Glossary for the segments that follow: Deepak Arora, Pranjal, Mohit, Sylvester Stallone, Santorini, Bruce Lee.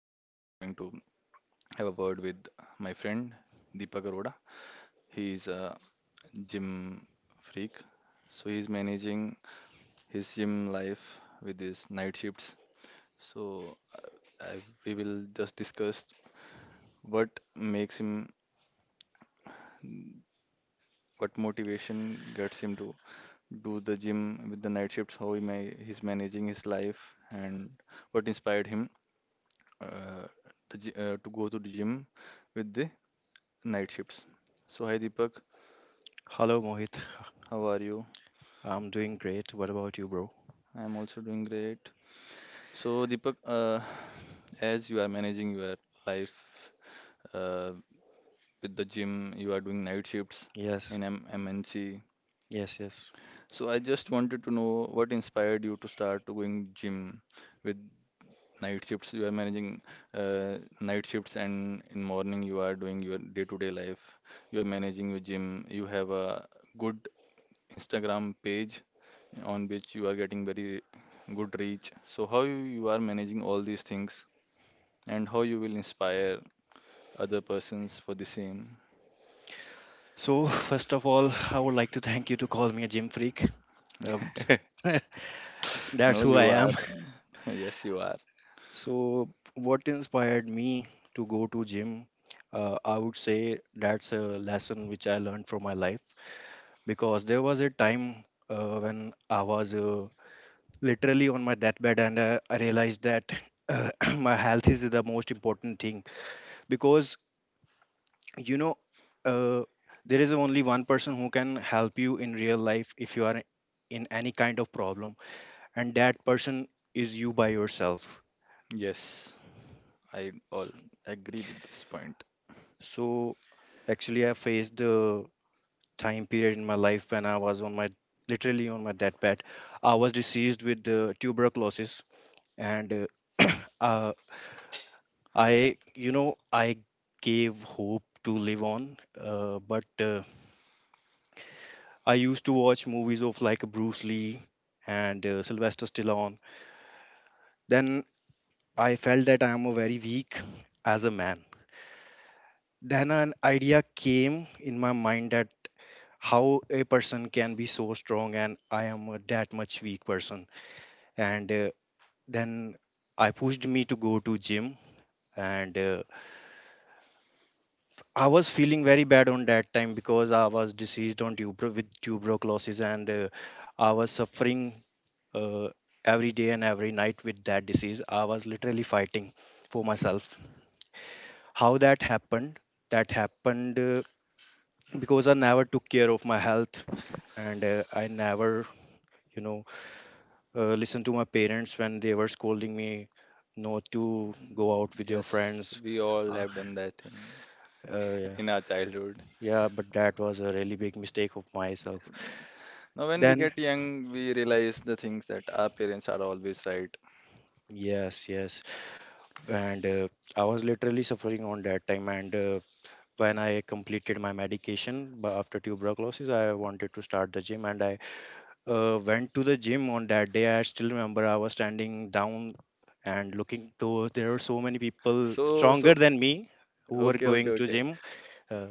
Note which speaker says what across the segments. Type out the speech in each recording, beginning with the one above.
Speaker 1: today we are going to have a word with my friend Deepak Arora. He is a gym freak. So he's managing his gym life with his night shifts. So I, we will just discuss what makes him, what motivation gets him to do the gym with the night shifts, how he he's managing his life, and what inspired him uh, to go to the gym with the night shifts. So, hi Deepak,
Speaker 2: Hello, Mohit.
Speaker 1: how are you?
Speaker 2: I'm doing great. What about you, bro?
Speaker 1: I am also doing great. So, Deepak, as you are managing your life uh, with the gym, you are doing night shifts
Speaker 2: Yes,
Speaker 1: in M MNC.
Speaker 2: yes.
Speaker 1: So, I just wanted to know what inspired you to start to going gym with night shifts. You are managing night shifts, and in morning you are doing your day-to-day life. You are managing your gym. You have a good Instagram page on which you are getting very good reach. So how you are managing all these things and how you will inspire other persons for the same.
Speaker 2: So, first of all, I would like to thank you to call me a gym freak. Uh, that's
Speaker 1: No,
Speaker 2: who I
Speaker 1: you are.
Speaker 2: am.
Speaker 1: Yes, you are.
Speaker 2: So, what inspired me to go to gym? I would say that's a lesson which I learned from my life because there was a time when I was literally on my deathbed, and I realized that my health is the most important thing because you know uh, there is only one person who can help you in real life if you are in any kind of problem, and that person is you by yourself.
Speaker 1: Yes, I all agree with this point.
Speaker 2: So actually, I faced the time period in my life when I was on my literally on my deathbed. I was diseased with the tuberculosis, and uh, I gave hope to live on, but I used to watch movies of like Bruce Lee and Sylvester Stallone. Then I felt that I am a very weak as a man. Then an idea came in my mind that how a person can be so strong and I am a that much weak person. And then I pushed me to go to gym, and I was feeling very bad on that time because I was diseased on tuberculosis and I was suffering uh, every day and every night with that disease. I was literally fighting for myself. How that happened? That happened because I never took care of my health, and I never, you know, listened to my parents when they were scolding me not to go out with your
Speaker 1: Yes,
Speaker 2: friends.
Speaker 1: we all
Speaker 2: Uh,
Speaker 1: have done that thing
Speaker 2: yeah,
Speaker 1: in our childhood.
Speaker 2: yeah, but that was a really big mistake of myself.
Speaker 1: Now, when we
Speaker 2: Then,
Speaker 1: get young, we realize the things that our parents are always right.
Speaker 2: yes, yes, and I was literally suffering on that time. And when I completed my medication after tuberculosis, I wanted to start the gym, and I went to the gym on that day. I still remember I was standing down and looking to there were so many people
Speaker 1: So,
Speaker 2: stronger
Speaker 1: so
Speaker 2: than me who were
Speaker 1: okay, okay,
Speaker 2: going to
Speaker 1: okay.
Speaker 2: gym. Uh,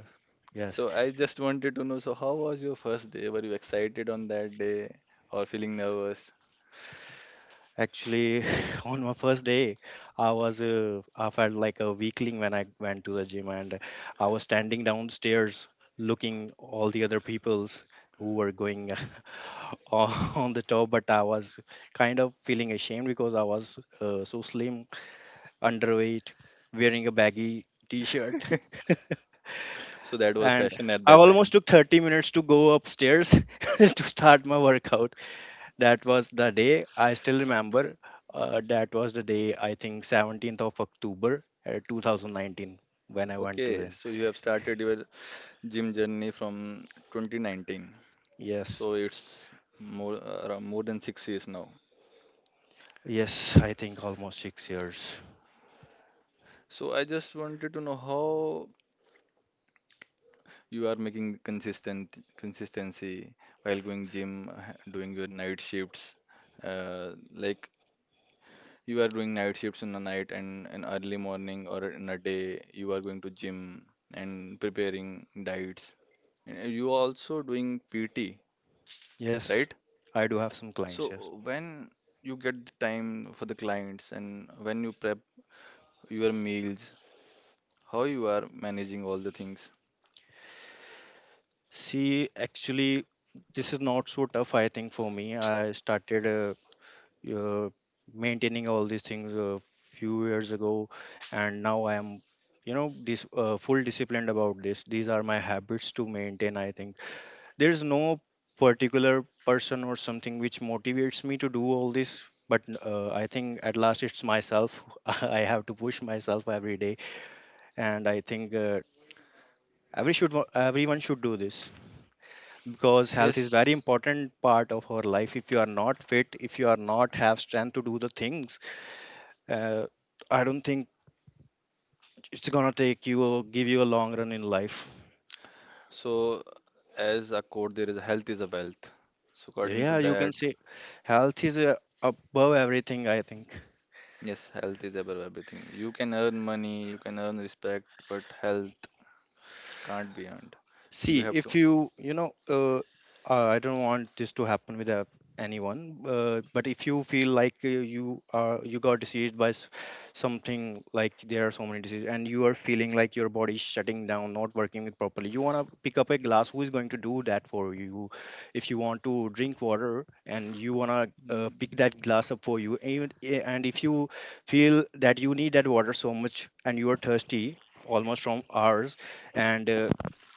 Speaker 2: yes,
Speaker 1: So I just wanted to know, so how was your first day? Were you excited on that day or feeling nervous?
Speaker 2: actually, on my first day, I was I felt like a weakling when I went to the gym, and I was standing downstairs looking all the other people's who were going on the top, but I was kind of feeling ashamed because I was so slim, underweight, wearing a baggy t shirt.
Speaker 1: So that was
Speaker 2: And
Speaker 1: fashion at
Speaker 2: I
Speaker 1: that
Speaker 2: almost
Speaker 1: time.
Speaker 2: took 30 minutes to go upstairs to start my workout. That was the day I still remember. That was the day, I think, 17th of October 2019 when I went to
Speaker 1: Okay,
Speaker 2: them.
Speaker 1: so you have started your gym journey from 2019.
Speaker 2: Yes,
Speaker 1: So it's more around more than 6 years now.
Speaker 2: yes, I think almost 6 years.
Speaker 1: So I just wanted to know how you are making consistent consistency while going gym, doing your night shifts. Like you are doing night shifts in the night and an early morning or in a day you are going to gym and preparing diets and you are also doing PT,
Speaker 2: Yes,
Speaker 1: right?
Speaker 2: I do have some
Speaker 1: So
Speaker 2: clients, yes.
Speaker 1: when you get the time for the clients and when you prep your meals, how you are managing all the things?
Speaker 2: See, actually, this is not so tough, I think, for me. I started uh, maintaining all these things a few years ago, and now I am, this full disciplined about this. These are my habits to maintain. I think there's no particular person or something which motivates me to do all this, but I think at last it's myself. I have to push myself every day, and I think every should everyone should do this because health is very
Speaker 1: Yes,
Speaker 2: important part of our life. If you are not fit, if you are not have strength to do the things, uh, I don't think it's gonna take you or give you a long run in life.
Speaker 1: so as a quote there is health is a wealth, so according to
Speaker 2: Yeah, you can
Speaker 1: that,
Speaker 2: say health is above everything, I think.
Speaker 1: yes, health is above everything. You can earn money, you can earn respect, but health can't be earned. You
Speaker 2: See,
Speaker 1: have to.
Speaker 2: if I don't want this to happen with anyone, but if you feel like you got diseased by something, like there are so many diseases, and you are feeling like your body is shutting down, not working it properly, you wanna pick up a glass. Who is going to do that for you? If you want to drink water and you wanna pick
Speaker 1: Mm.
Speaker 2: that glass up for you, and if you feel that you need that water so much and you are thirsty almost from hours, and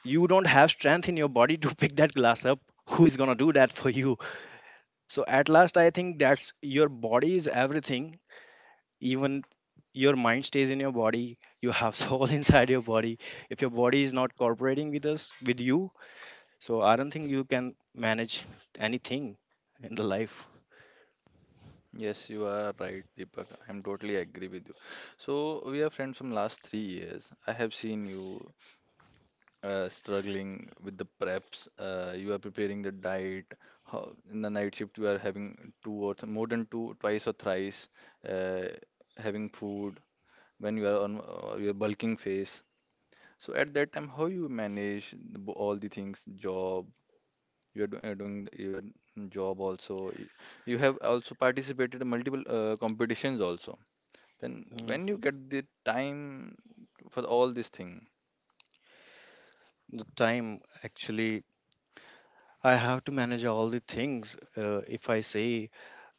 Speaker 2: you don't have strength in your body to pick that glass up, who is going to do that for you? So at last, I think that's your body is everything. Even your mind stays in your body. You have soul inside your body. If your body is not cooperating with you, so I don't think you can manage anything in the life.
Speaker 1: Yes, you are right, Deepak. I'm totally agree with you. So we are friends from last 3 years. I have seen you struggling with the preps. You are preparing the diet. How, in the night shift, you are having two or th more than two, twice or thrice, uh, having food when you are on your bulking phase. So at that time, how you manage the all the things, job, you are doing your job also. You have also participated in multiple competitions also. Then
Speaker 2: Mm,
Speaker 1: when you get the time for all this thing,
Speaker 2: the time actually I have to manage all the things. If I say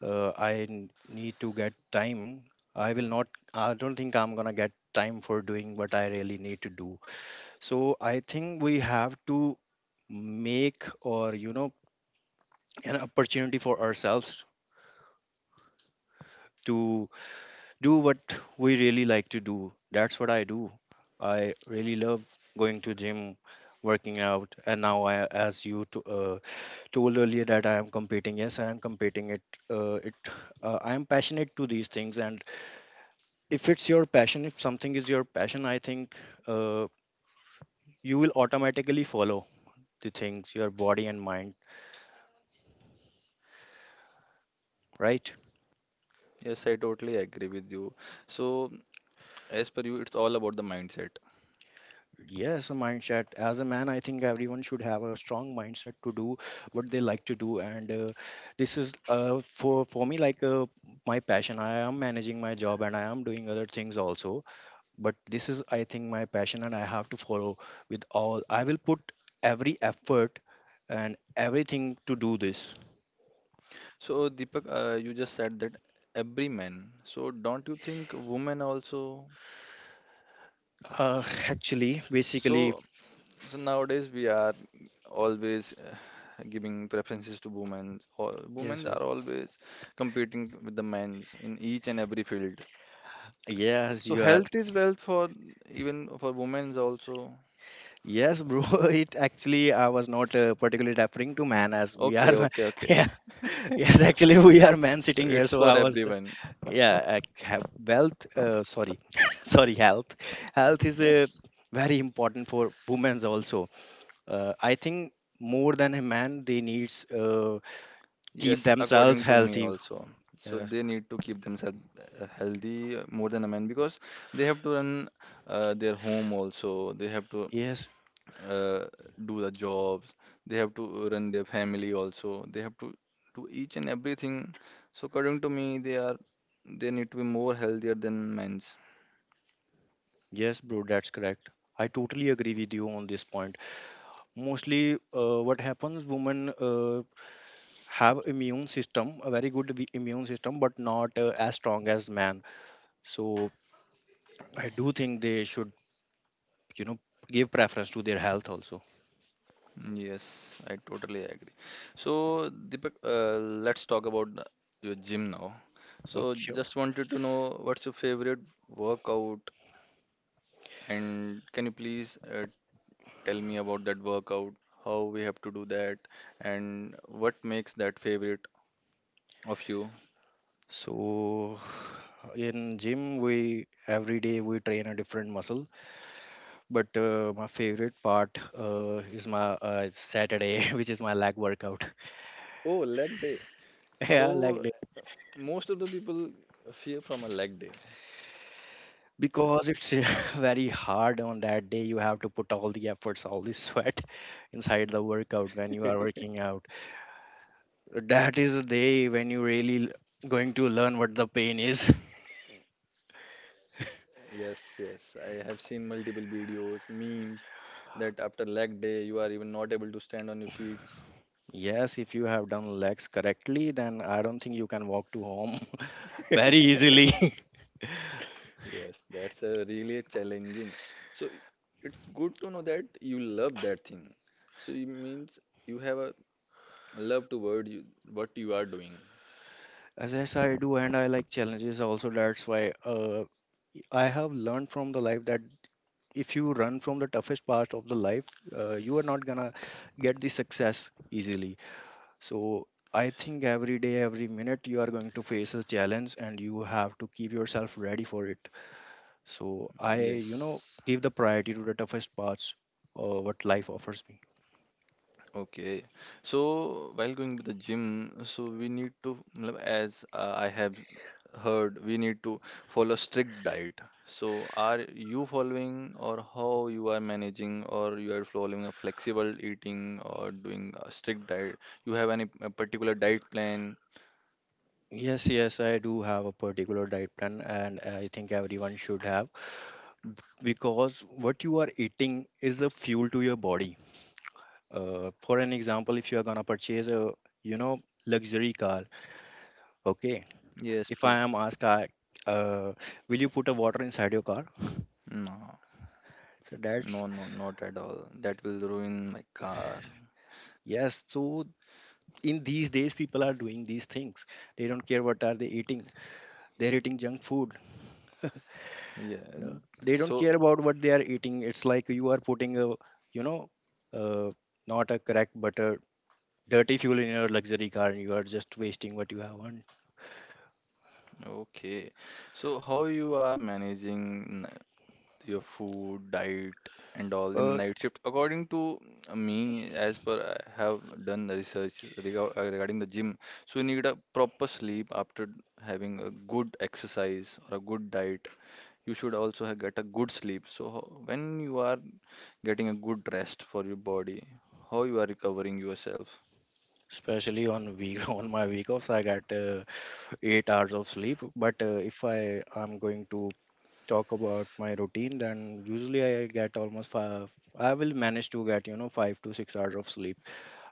Speaker 2: I need to get time, I will not, I don't think I'm gonna get time for doing what I really need to do. So I think we have to make or, you know, an opportunity for ourselves to do what we really like to do. That's what I do. I really love going to gym, working out, and now I, as you to, told earlier that I am competing. Yes, I am competing. Uh, it, I am passionate to these things, and if it's your passion if something is your passion, I think uh, you will automatically follow the things, your body and mind, right?
Speaker 1: yes, I totally agree with you. So as per you, it's all about the mindset.
Speaker 2: Yes, a mindset. As a man, I think everyone should have a strong mindset to do what they like to do, and this is for me like my passion. I am managing my job and I am doing other things also, but this is, I think, my passion, and I have to follow with all. I will put every effort and everything to do this.
Speaker 1: So Deepak, you just said that every man. So don't you think women also?
Speaker 2: Uh, actually, basically,
Speaker 1: So So nowadays we are always giving preferences to women. All
Speaker 2: yes,
Speaker 1: women
Speaker 2: yes.
Speaker 1: are always competing with the men's in each and every field.
Speaker 2: Yes,
Speaker 1: So
Speaker 2: you are.
Speaker 1: health is wealth for even for women's also.
Speaker 2: Yes, bro. It actually, I was not particularly referring to man as we are.
Speaker 1: Okay, okay,
Speaker 2: Yeah,
Speaker 1: okay.
Speaker 2: yes, actually, we are men
Speaker 1: So
Speaker 2: sitting here.
Speaker 1: it's
Speaker 2: So
Speaker 1: for
Speaker 2: I was,
Speaker 1: everyone.
Speaker 2: yeah, have wealth. Sorry, sorry, health. Health is
Speaker 1: Yes,
Speaker 2: very important for women's also. I think more than a man, they needs keep
Speaker 1: yes,
Speaker 2: themselves
Speaker 1: according to me
Speaker 2: healthy.
Speaker 1: also. So
Speaker 2: Yes.
Speaker 1: they need to keep themselves healthy more than a man because they have to run their home also. They have to
Speaker 2: Yes,
Speaker 1: uh, do the jobs, they have to run their family also, they have to do each and everything. So according to me, they need to be more healthier than men's.
Speaker 2: yes, bro. That's correct. I totally agree with you on this point. Mostly what happens, women have immune system, a very good immune system, but not as strong as man. So I do think they should, you know, give preference to their health also.
Speaker 1: Yes, I totally agree. So Deepak, let's talk about your gym now.
Speaker 2: Okay,
Speaker 1: So
Speaker 2: sure.
Speaker 1: just wanted to know what's your favorite workout, and can you please tell me about that workout, how we have to do that, and what makes that favorite of you?
Speaker 2: So in gym, we every day we train a different muscle, but my favorite part is my Saturday, which is my leg workout.
Speaker 1: Oh, leg day.
Speaker 2: Yeah, leg,
Speaker 1: So most of the people fear from a leg day.
Speaker 2: because it's very hard. On that day, you have to put all the efforts, all the sweat inside the workout when you are working out. That is the day when you really going to learn what the pain is.
Speaker 1: Yes, yes. I have seen multiple videos, memes that after leg day you are even not able to stand on your feet.
Speaker 2: Yes, if you have done legs correctly, then I don't think you can walk to home very easily.
Speaker 1: Yes, that's a really challenging. So it's good to know that you love that thing. So it means you have a love toward you what you are doing.
Speaker 2: As yes, I do, and I like challenges also. That's why uh, I have learned from the life that if you run from the toughest part of the life, you are not gonna get the success easily. So I think every day, every minute, you are going to face a challenge and you have to keep yourself ready for it. So I, you know,
Speaker 1: Yes.
Speaker 2: give the priority to the toughest parts what life offers me.
Speaker 1: Okay, so while going to the gym, so we need to, मतलब, as I have heard, we need to follow strict diet. So are you following or how you are managing or you are following a flexible eating or doing a strict diet? You have any particular diet plan?
Speaker 2: Yes, yes, I do have a particular diet plan, and I think everyone should have b- because what you are eating is a fuel to your body. For an example, if you are gonna purchase a, you know, luxury car, okay,
Speaker 1: Yes,
Speaker 2: if
Speaker 1: pe-
Speaker 2: I am asked, uh, will you put a water inside your car?
Speaker 1: no,
Speaker 2: So that's.
Speaker 1: no, no, not at all. That will ruin my car.
Speaker 2: Yes, so in these days, people are doing these things. They don't care what are they eating. They're eating junk food.
Speaker 1: Yeah,
Speaker 2: No? They don't
Speaker 1: so.
Speaker 2: care about what they are eating. It's like you are putting a, you know, uh, not a correct but a dirty fuel in your luxury car, and you are just wasting what you have earned.
Speaker 1: Okay, so how you are managing your food, diet, and all in
Speaker 2: Uh,
Speaker 1: night shift? According to me, as per I have done the research regarding the gym, so you need a proper sleep after having a good exercise or a good diet. You should also get a good sleep. So when you are getting a good rest for your body, how you are recovering yourself?
Speaker 2: especially on week on my week offs, I got 8 hours of sleep. But if I am going to talk about my routine, then usually I get almost five. I will manage to get 5 to 6 hours of sleep,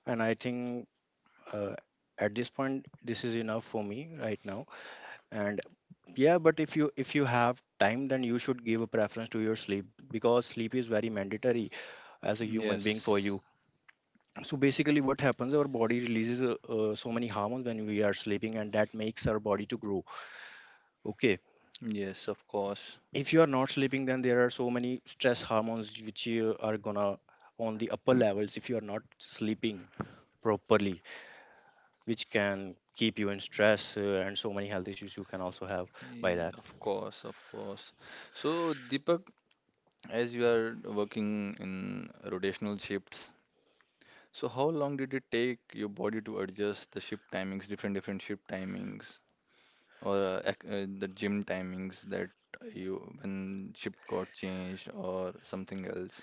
Speaker 2: and I think uh, at this point, this is enough for me right now. And yeah, but if you have time, then you should give a preference to your sleep because sleep is very mandatory as a human being for
Speaker 1: Yes,
Speaker 2: you. So basically what happens, our body releases so many hormones when we are sleeping, and that makes our body to grow. Okay.
Speaker 1: yes, of course.
Speaker 2: If you are not sleeping, then there are so many stress hormones which you are gonna on the upper levels if you are not sleeping properly, which can keep you in stress, and so many health issues you can also have by
Speaker 1: Eh,
Speaker 2: that.
Speaker 1: of course, of course. So, Deepak, as you are working in rotational shifts, so how long did it take your body to adjust the shift timings, different shift timings, or the gym timings, that you when shift got changed or something else?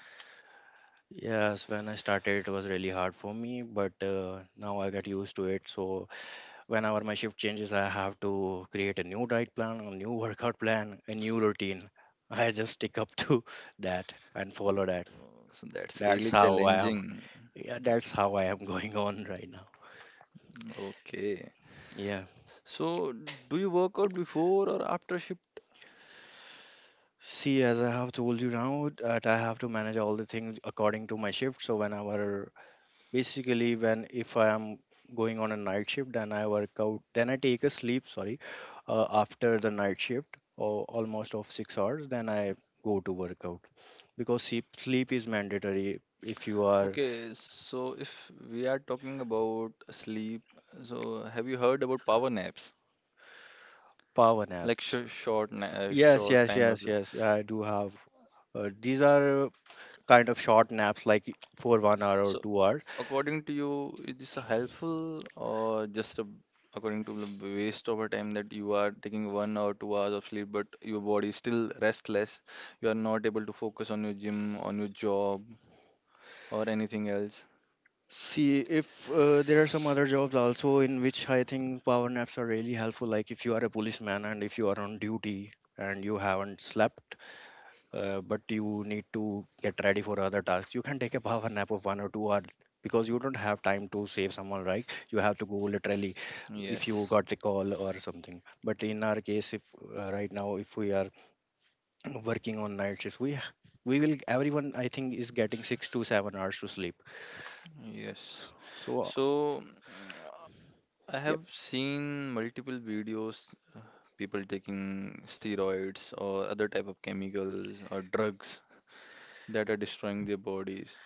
Speaker 2: Yes, when I started, it was really hard for me, but now I get used to it. So whenever my shift changes, I have to create a new diet plan, a new workout plan, a new routine. I just stick up to that and follow that.
Speaker 1: Oh, so that's
Speaker 2: That's
Speaker 1: really
Speaker 2: how I am.
Speaker 1: challenging.
Speaker 2: Yeah,
Speaker 1: It,
Speaker 2: that's how I am going on right now.
Speaker 1: okay.
Speaker 2: Yeah.
Speaker 1: So do you work out before or after shift?
Speaker 2: See, as I have told you now, that I have to manage all the things according to my shift. So whenever, basically, when if I am going on a night shift, then I work out, then I take a sleep. Sorry, after the night shift or almost of 6 hours, then I go to workout because sleep is mandatory if you are.
Speaker 1: Okay, so if we are talking about sleep, so have you heard about power naps?
Speaker 2: Power
Speaker 1: Like
Speaker 2: naps? yes
Speaker 1: short
Speaker 2: yes
Speaker 1: time of
Speaker 2: yes
Speaker 1: it.
Speaker 2: yes I do have these are, kind of short naps, like for 1 hour or
Speaker 1: So
Speaker 2: 2 hours.
Speaker 1: according to you, is this a helpful or just a, according to the waste of a time that you are taking 1 or 2 hours of sleep, but your body is still restless. You are not able to focus on your gym, on your job, or anything else.
Speaker 2: See, if there are some other jobs also in which I think power naps are really helpful. Like if you are a policeman and if you are on duty and you haven't slept, but you need to get ready for other tasks, you can take a power nap of 1 or 2 hours because you don't have time to save someone, right? You have to go literally if you
Speaker 1: Yes,
Speaker 2: got a call or something. But in our case, if right now, if we are working on night shifts, we will, everyone I think is getting 6 to 7 hours to sleep.
Speaker 1: yes.
Speaker 2: So
Speaker 1: So I
Speaker 2: yep.
Speaker 1: have seen multiple videos, uh, people taking steroids or other type of chemicals or drugs that are destroying their bodies.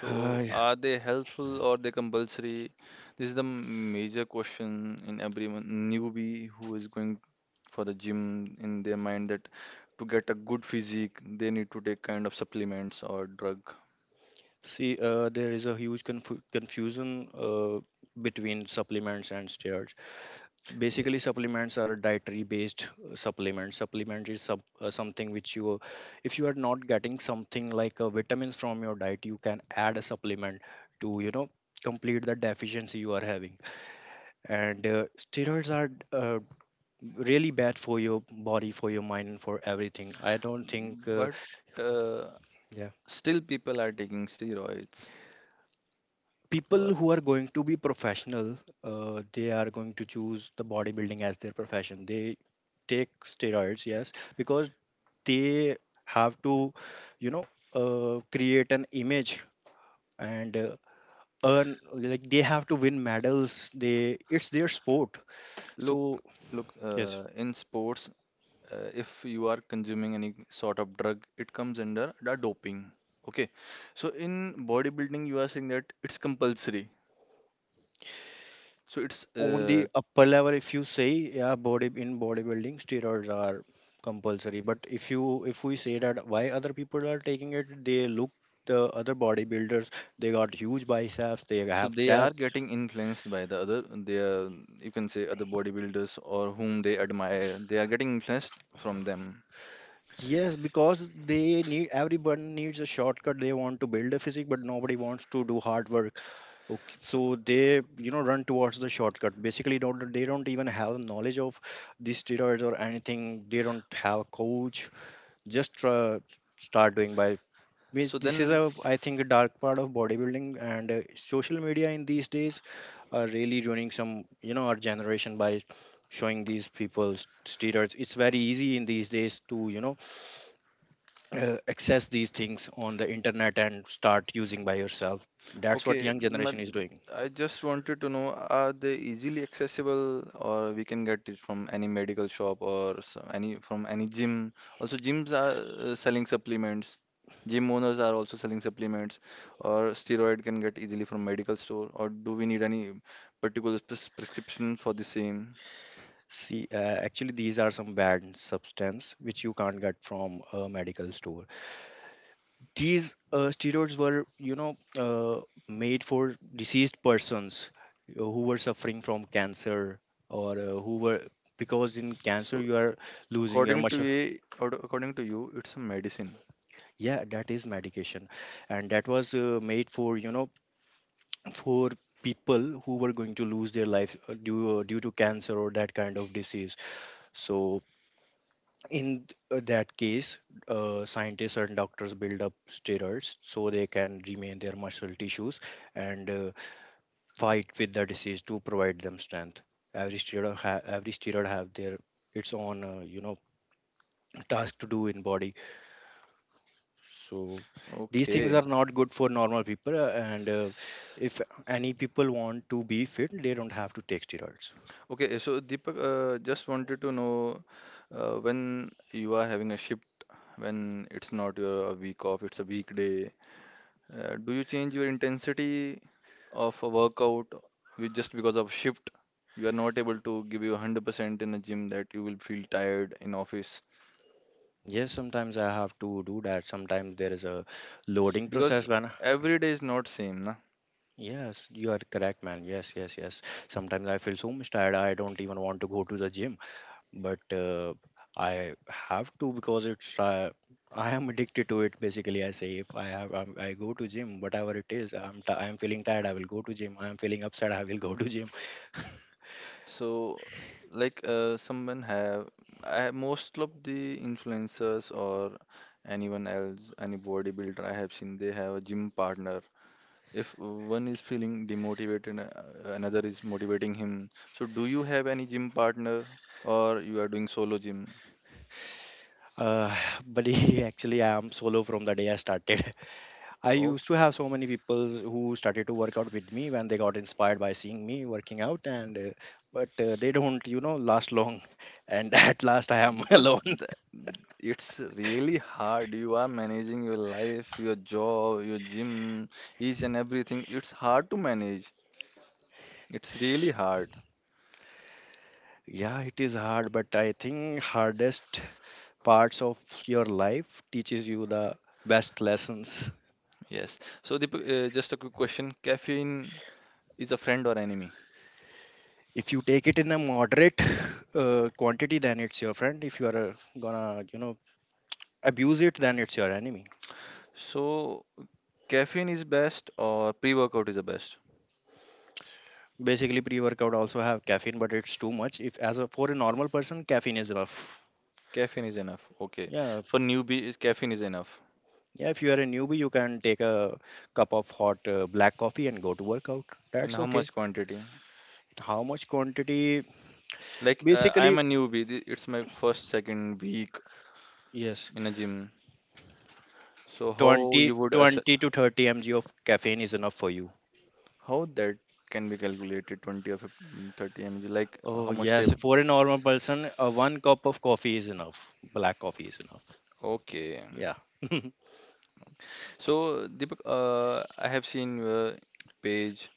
Speaker 1: So,
Speaker 2: Uh,
Speaker 1: are they helpful or they compulsory? This is the major question in everyone newbie who is going for the gym in their mind that to get a good physique, they need to take kind of supplements or drug.
Speaker 2: see, there is a huge confusion between supplements and steroids. So
Speaker 1: Yeah,
Speaker 2: basically, supplements are a dietary-based supplement. Supplement is something which you, if you are not getting something like vitamins from your diet, you can add a supplement to, you know, complete the deficiency you are having. And steroids are uh, really bad for your body, for your mind, and for everything. I don't think,
Speaker 1: but uh,
Speaker 2: yeah.
Speaker 1: still people are taking steroids. Wha-
Speaker 2: People who are going to be professional, they are going to choose the bodybuilding as their profession. They take steroids, yes, because they have to, you know, create an image and earn. Like, they have to win medals. They, it's their sport.
Speaker 1: Look,
Speaker 2: So
Speaker 1: look,
Speaker 2: yes,
Speaker 1: in sports, if you are consuming any sort of drug, it comes under the doping. Okay, so in bodybuilding, you are saying that it's compulsory. So it's
Speaker 2: on the upper level, if you say, yeah, bodybuilding, steroids are compulsory. But if you, if we say that why other people are taking it, they look the other bodybuilders, they got huge biceps, they
Speaker 1: so
Speaker 2: have
Speaker 1: they are
Speaker 2: chest.
Speaker 1: getting influenced by the other, they are, you can say other bodybuilders or whom they admire. They are getting influenced from them.
Speaker 2: Yes, because they need, everyone needs a shortcut. They want to build a physique, but nobody wants to do hard work. Okay,
Speaker 1: So,
Speaker 2: so they, you know, run towards the shortcut, basically. Don't they don't even have knowledge of the steroids or anything. They don't have a coach, just start doing by means.
Speaker 1: so
Speaker 2: This is
Speaker 1: then
Speaker 2: a, I think, a dark part of bodybuilding, and social media in these days are really ruining some, you know, our generation by showing these people steroids. It's very easy in these days to, you know, access these things on the internet and start using by yourself. That's what
Speaker 1: Okay,
Speaker 2: young
Speaker 1: ma-
Speaker 2: generation is doing.
Speaker 1: I just wanted to know, are they easily accessible or we can get it from any medical shop or any from any gym? Also, gyms are selling supplements. Gym owners are also selling supplements, or steroid can get easily from medical store, or do we need any particular prescription for the same?
Speaker 2: See, actually, these are some bad substance which you can't get from a medical store. These steroids were, you know, made for deceased persons, who were suffering from cancer, or who were, because in cancer,
Speaker 1: So
Speaker 2: you are losing your
Speaker 1: according to
Speaker 2: muscle.
Speaker 1: ye, or according to you, it's a medicine.
Speaker 2: Yeah, that is medication. And that was made for, you know, for people who were going to lose their life due to cancer or that kind of disease. So in that case, scientists and doctors build up steroids so they can remain their muscle tissues and fight with the disease to provide them strength. Every steroid have their, its own, you know, task to do in body. So these things
Speaker 1: Okay.
Speaker 2: are not good for normal people. And If any people want to be fit, they don't have to take steroids.
Speaker 1: Okay, so Deepak, just wanted to know when you are having a shift, when it's not your week off, it's a weekday, do you change your intensity of a workout with just because of shift? You are not able to give you 100% in the gym that you will feel tired in office
Speaker 2: Yes, sometimes I have to do that. Sometimes there is a loading
Speaker 1: because
Speaker 2: process when,
Speaker 1: every day is not same, na?
Speaker 2: yes, you are correct, man. Yes, yes, yes. Sometimes I feel so much tired. I don't even want to go to the gym, but I have to because it's, I am addicted to it. Basically, I say if I have I go to gym, whatever it is, I'm feeling tired, I will go to gym. I'm feeling upset, I will go to gym.
Speaker 1: So, like someone have most of the influencers or anyone else, any bodybuilder I have seen, they have a gym partner. If one is feeling demotivated, another is motivating him. So, do you have any gym partner or you are doing solo gym?
Speaker 2: Uh, but he, actually, I am solo from the day I started. I
Speaker 1: Oh,
Speaker 2: used to have so many people who started to work out with me when they got inspired by seeing me working out, and but they don't, you know, last long. And at last, I am
Speaker 1: because
Speaker 2: alone.
Speaker 1: th it's really hard. You are managing your life, your job, your gym, each and everything. It's hard to manage. It's really hard.
Speaker 2: Yeah, it is hard, but I think hardest parts of your life teaches you the best lessons.
Speaker 1: Yes. So the just a quick question. Caffeine is a friend or enemy?
Speaker 2: If you take it in a moderate quantity, then it's your friend. If you are gonna, you know, abuse it, then it's your enemy.
Speaker 1: So caffeine is best or pre-workout is the best?
Speaker 2: Basically, pre-workout also have caffeine, but it's too much. If, as a, for a normal person, caffeine is enough.
Speaker 1: Caffeine is enough. Okay.
Speaker 2: Yeah.
Speaker 1: For newbie, is caffeine is enough.
Speaker 2: Yeah, if you are a newbie, you can take a cup of hot black coffee and go to workout.
Speaker 1: In
Speaker 2: That's
Speaker 1: how
Speaker 2: okay.
Speaker 1: much quantity?
Speaker 2: How much quantity?
Speaker 1: Like I'm
Speaker 2: Basically,
Speaker 1: a newbie. It's my first second week
Speaker 2: yes,
Speaker 1: in a gym. So how
Speaker 2: 20,
Speaker 1: you would ass
Speaker 2: 20 to 30 mg of caffeine is enough for you.
Speaker 1: how that can be calculated 20 or 15, 30 mg? Like
Speaker 2: Oh
Speaker 1: how much
Speaker 2: yes,
Speaker 1: table?
Speaker 2: for a normal person, one cup of coffee is enough. Black coffee is enough.
Speaker 1: Okay.
Speaker 2: Yeah.
Speaker 1: So Deepak, I have seen your page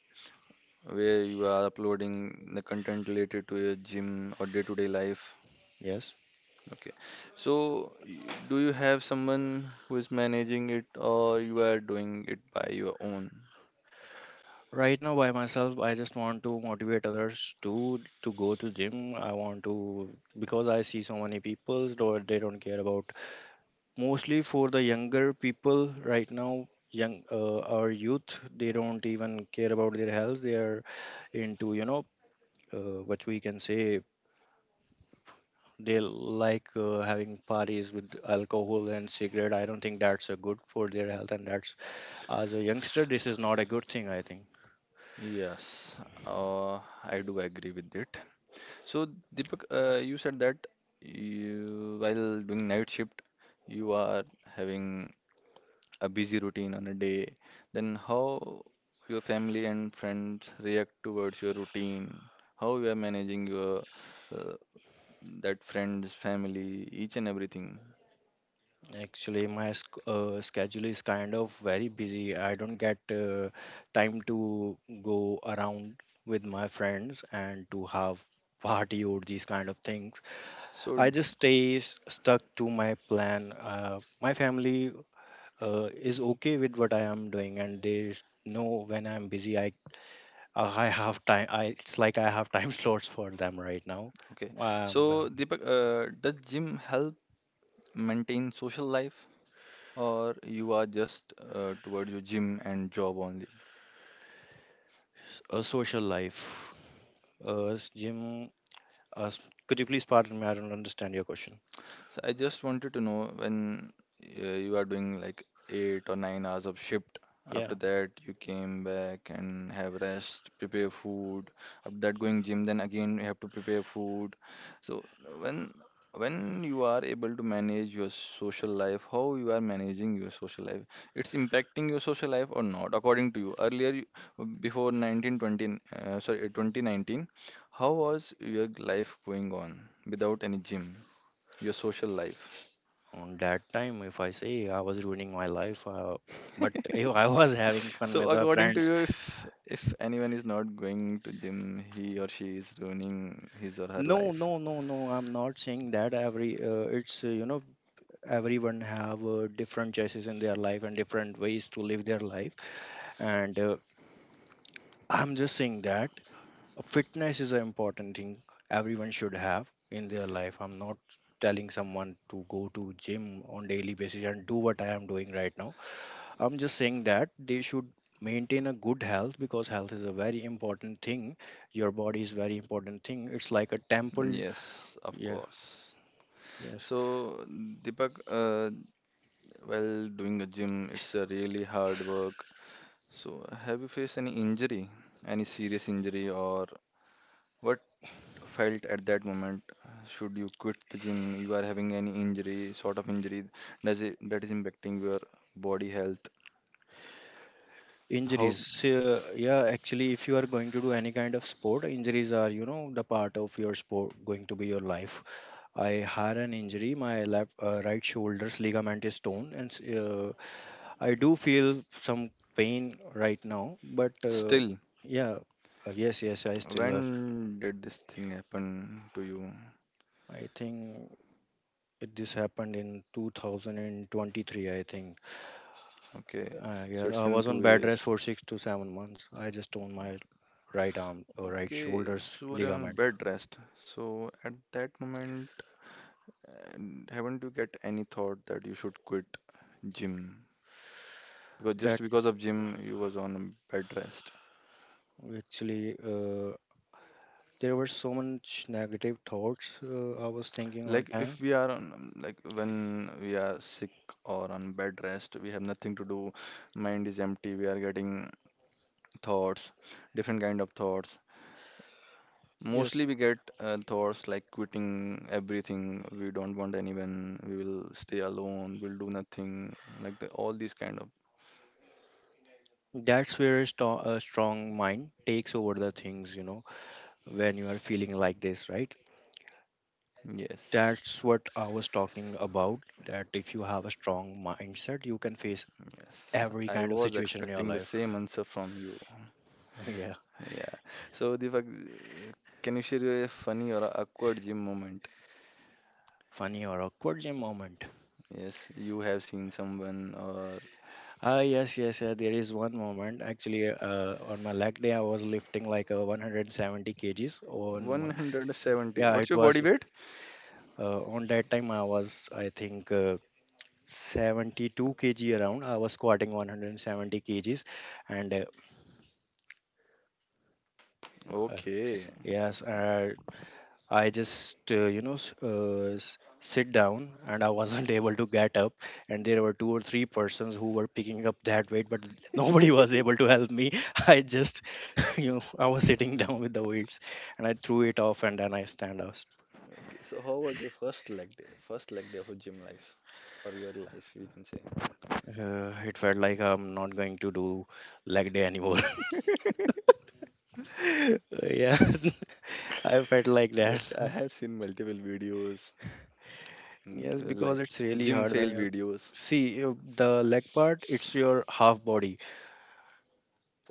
Speaker 1: where you are uploading the content related to your gym or day-to-day life.
Speaker 2: Yes.
Speaker 1: Okay. So, do you have someone who is managing it or you are doing it by your own?
Speaker 2: Right now, by myself. I just want to motivate others to go to gym. I want to, because I see so many people or they don't care about. Mostly for the younger people right now, young, our youth, they don't even care about their health. They are into, you know, what we can say, they like having parties with alcohol and cigarette. I don't think that's a good for their health, and that's, as a youngster, this is not a good thing. I think
Speaker 1: Yes, I do agree with it. So, Deepak, you said that you, while doing night shift, you are having a busy routine on a day, then how your family and friends react towards your routine, how you are managing your uh, that friends, family, each and everything.
Speaker 2: actually my schedule is kind of very busy. I don't get time to go around with my friends and to have party or these kind of things. I
Speaker 1: So,
Speaker 2: just stay stuck to my plan. My family is okay with what I am doing, and they know when I'm busy. I, uh, I have time. I, it's like I have time slots for them right now.
Speaker 1: okay.
Speaker 2: Um,
Speaker 1: So, Deepak, does gym help maintain social life, or you are just towards your gym and job only?
Speaker 2: a social life. Jim, uh, s- could you please pardon me? I don't understand your question.
Speaker 1: So I just wanted to know when you are doing like 8 or 9 hours of shift. After
Speaker 2: Yeah,
Speaker 1: that, you came back and have rest, prepare food. After that, going gym, then again you have to prepare food. So when when you are able to manage your social life, how you are managing your social life, it's impacting your social life or not, according to you. Earlier, you, before 1920, sorry, 2019, how was your life going on without any gym? Your social life.
Speaker 2: on that time, if I say I was ruining my life, but if I was having fun
Speaker 1: So
Speaker 2: with the
Speaker 1: according to
Speaker 2: friends.
Speaker 1: you, if anyone is not going to gym, he or she is ruining his or her
Speaker 2: No,
Speaker 1: life.
Speaker 2: no, no, no, I'm not saying that. Every, it's, you know, everyone have different choices in their life and different ways to live their life, and I'm just saying that fitness is an important thing everyone should have in their life. I'm not telling someone to go to gym on daily basis and do what I am doing right now. I'm just saying that they should maintain a good health because health is a very important thing. Your body is very important thing. It's like a temple.
Speaker 1: Yes, of
Speaker 2: Yes.
Speaker 1: course.
Speaker 2: Yes.
Speaker 1: So Deepak, while doing a gym, it's a really hard work. So have you faced any injury, any serious injury, or what felt at that moment? Should you quit the gym? You are having any injury, sort of injury, does it that is impacting your body health? How
Speaker 2: Injuries, yeah, actually, if you are going to do any kind of sport, injuries are, you know, the part of your sport, going to be your life. I had an injury. My left right shoulder's ligament is torn, and I do feel some pain right now. But
Speaker 1: still?
Speaker 2: yeah, yes, yes, I still have.
Speaker 1: When did this thing happen to you?
Speaker 2: I think this happened in 2023, I think.
Speaker 1: Okay,
Speaker 2: Yeah,
Speaker 1: so it's
Speaker 2: I
Speaker 1: been
Speaker 2: was on
Speaker 1: two
Speaker 2: bed rest
Speaker 1: years.
Speaker 2: for 6 to 7 months. I just torn my right arm or right
Speaker 1: Okay,
Speaker 2: shoulder's
Speaker 1: so we're on
Speaker 2: ligament.
Speaker 1: bed rest. So at that moment, and haven't you get any thought that you should quit gym? Because just
Speaker 2: That,
Speaker 1: because of gym, you was on bed rest.
Speaker 2: actually, there were so much negative thoughts I was thinking on
Speaker 1: Like if
Speaker 2: time.
Speaker 1: we are on, like when we are sick or on bed rest, we have nothing to do. Mind is empty. We are getting thoughts, different kind of thoughts.
Speaker 2: Yes.
Speaker 1: Mostly we get thoughts like quitting everything. We don't want anyone. We will stay alone. We'll do nothing. Like the, all these kind of.
Speaker 2: That's where a, a strong mind takes over the things, you know, when you are feeling like this, right?
Speaker 1: Yes.
Speaker 2: That's what I was talking about, that if you have a strong mindset, you can face
Speaker 1: Yes.
Speaker 2: every
Speaker 1: I
Speaker 2: kind of
Speaker 1: was
Speaker 2: situation in your
Speaker 1: expecting the same
Speaker 2: life.
Speaker 1: answer from you.
Speaker 2: Yeah.
Speaker 1: Yeah. So, Deepak, can you share a funny or a awkward gym moment?
Speaker 2: Funny or awkward gym moment.
Speaker 1: Yes, you have seen someone or
Speaker 2: Ah, yes, yes, yeah, there is one moment. Actually, on my leg day, I was lifting like 170 kgs. On my,
Speaker 1: 170.
Speaker 2: yeah,
Speaker 1: What's
Speaker 2: it
Speaker 1: your
Speaker 2: was
Speaker 1: body weight?
Speaker 2: on that time I was, I think. 72 kg around. I was squatting 170 kgs, and uh,
Speaker 1: Okay.
Speaker 2: yes, I just sit down, and I wasn't able to get up. And there were two or three persons who were picking up that weight, but nobody was able to help me. I just you know, I was sitting down with the weights, and I threw it off, and then I stand up.
Speaker 1: Okay. So, how was your first leg day? First leg day of a gym life or your life, we can say.
Speaker 2: It felt like I'm not going to do leg day anymore. Yes, I felt like that.
Speaker 1: Yes, I have seen multiple videos,
Speaker 2: Yes, because
Speaker 1: like
Speaker 2: it's really
Speaker 1: gym
Speaker 2: hard when
Speaker 1: fail
Speaker 2: you're,
Speaker 1: videos.
Speaker 2: see, the leg part, it's your half body.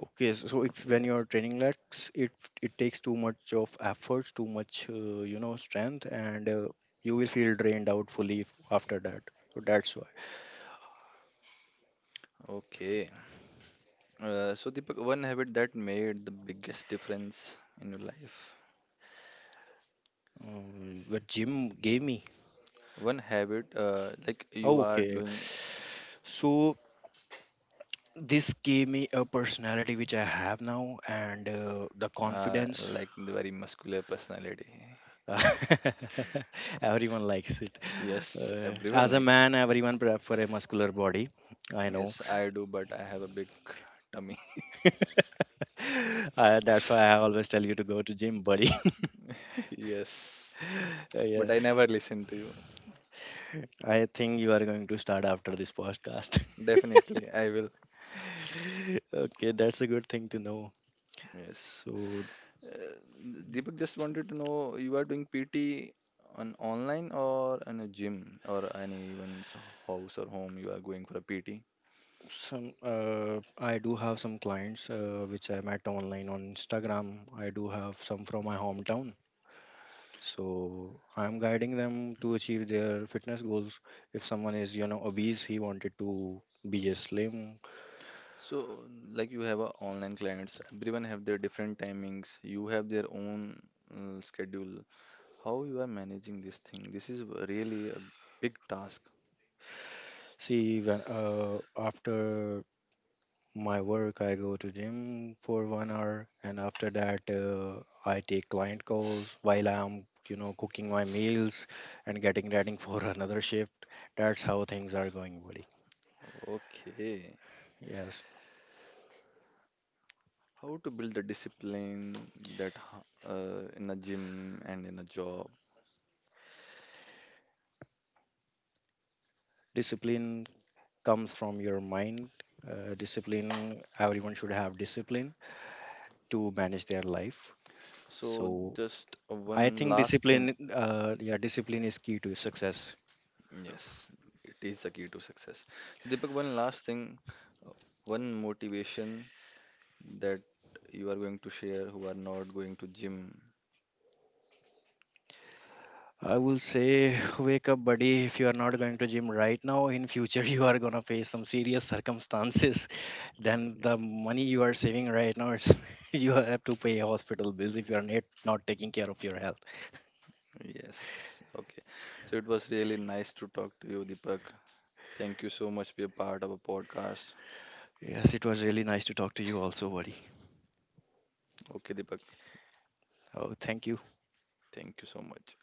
Speaker 2: Okay, so if when you're
Speaker 1: Yes.
Speaker 2: training legs, it takes too much of efforts, too much you know, strength, and you will feel drained out fully after that. So that's why.
Speaker 1: Okay. So Deepak, one habit that made the biggest difference in your life.
Speaker 2: But gym gave me.
Speaker 1: One habit, like you are
Speaker 2: Okay,
Speaker 1: doing,
Speaker 2: so this gave me a personality which I have now, and the confidence.
Speaker 1: like the very muscular personality.
Speaker 2: Uh, everyone likes it.
Speaker 1: Yes, everyone
Speaker 2: As a
Speaker 1: likes.
Speaker 2: man, everyone prefer for a muscular body. I know.
Speaker 1: Yes, I do, but I have a big tummy.
Speaker 2: That's why I always tell you to go to gym, buddy.
Speaker 1: Yes,
Speaker 2: Yeah,
Speaker 1: but I never listen to you.
Speaker 2: I think you are going to start after this podcast.
Speaker 1: Definitely, I will.
Speaker 2: Okay, that's a good thing to know.
Speaker 1: Yes.
Speaker 2: So
Speaker 1: Uh, Deepak just wanted to know you are doing PT on online or in a gym or anyone's house or home you are going for a PT.
Speaker 2: some, I do have some clients which I met online on Instagram. I do have some from my hometown. So I'm guiding them to achieve their fitness goals. If someone is, you know, obese, he wanted to be a slim.
Speaker 1: So like you have a online clients, everyone have their different timings, you have their own schedule. How you are managing this thing? This is really a big task.
Speaker 2: See, when after my work, I go to gym for 1 hour, and after that, I take client calls while I'm, you know, cooking my meals and getting ready for another shift. That's how things are going, buddy.
Speaker 1: Okay.
Speaker 2: Yes,
Speaker 1: How to build the discipline that in a gym and in a job.
Speaker 2: discipline comes from your mind. Discipline, everyone should have discipline to manage their life.
Speaker 1: So
Speaker 2: So
Speaker 1: just
Speaker 2: I
Speaker 1: one
Speaker 2: think
Speaker 1: last thing.
Speaker 2: discipline, yeah, discipline is key to success.
Speaker 1: Yes, it is the key to success. So, Deepak, one last thing, uh, one motivation that you are going to share who are not going to gym.
Speaker 2: I will say, wake up, buddy. If you are not going to gym right now, in future you are gonna face some serious circumstances. Then the money you are saving right now, it's, you have to pay hospital bills if you are not taking care of your health.
Speaker 1: Yes, okay. So it was really nice to talk to you, Deepak. Thank you so much for being a part of a podcast.
Speaker 2: Yes, it was really nice to talk to you also, buddy.
Speaker 1: Okay, Deepak,
Speaker 2: Oh, thank you.
Speaker 1: thank you so much.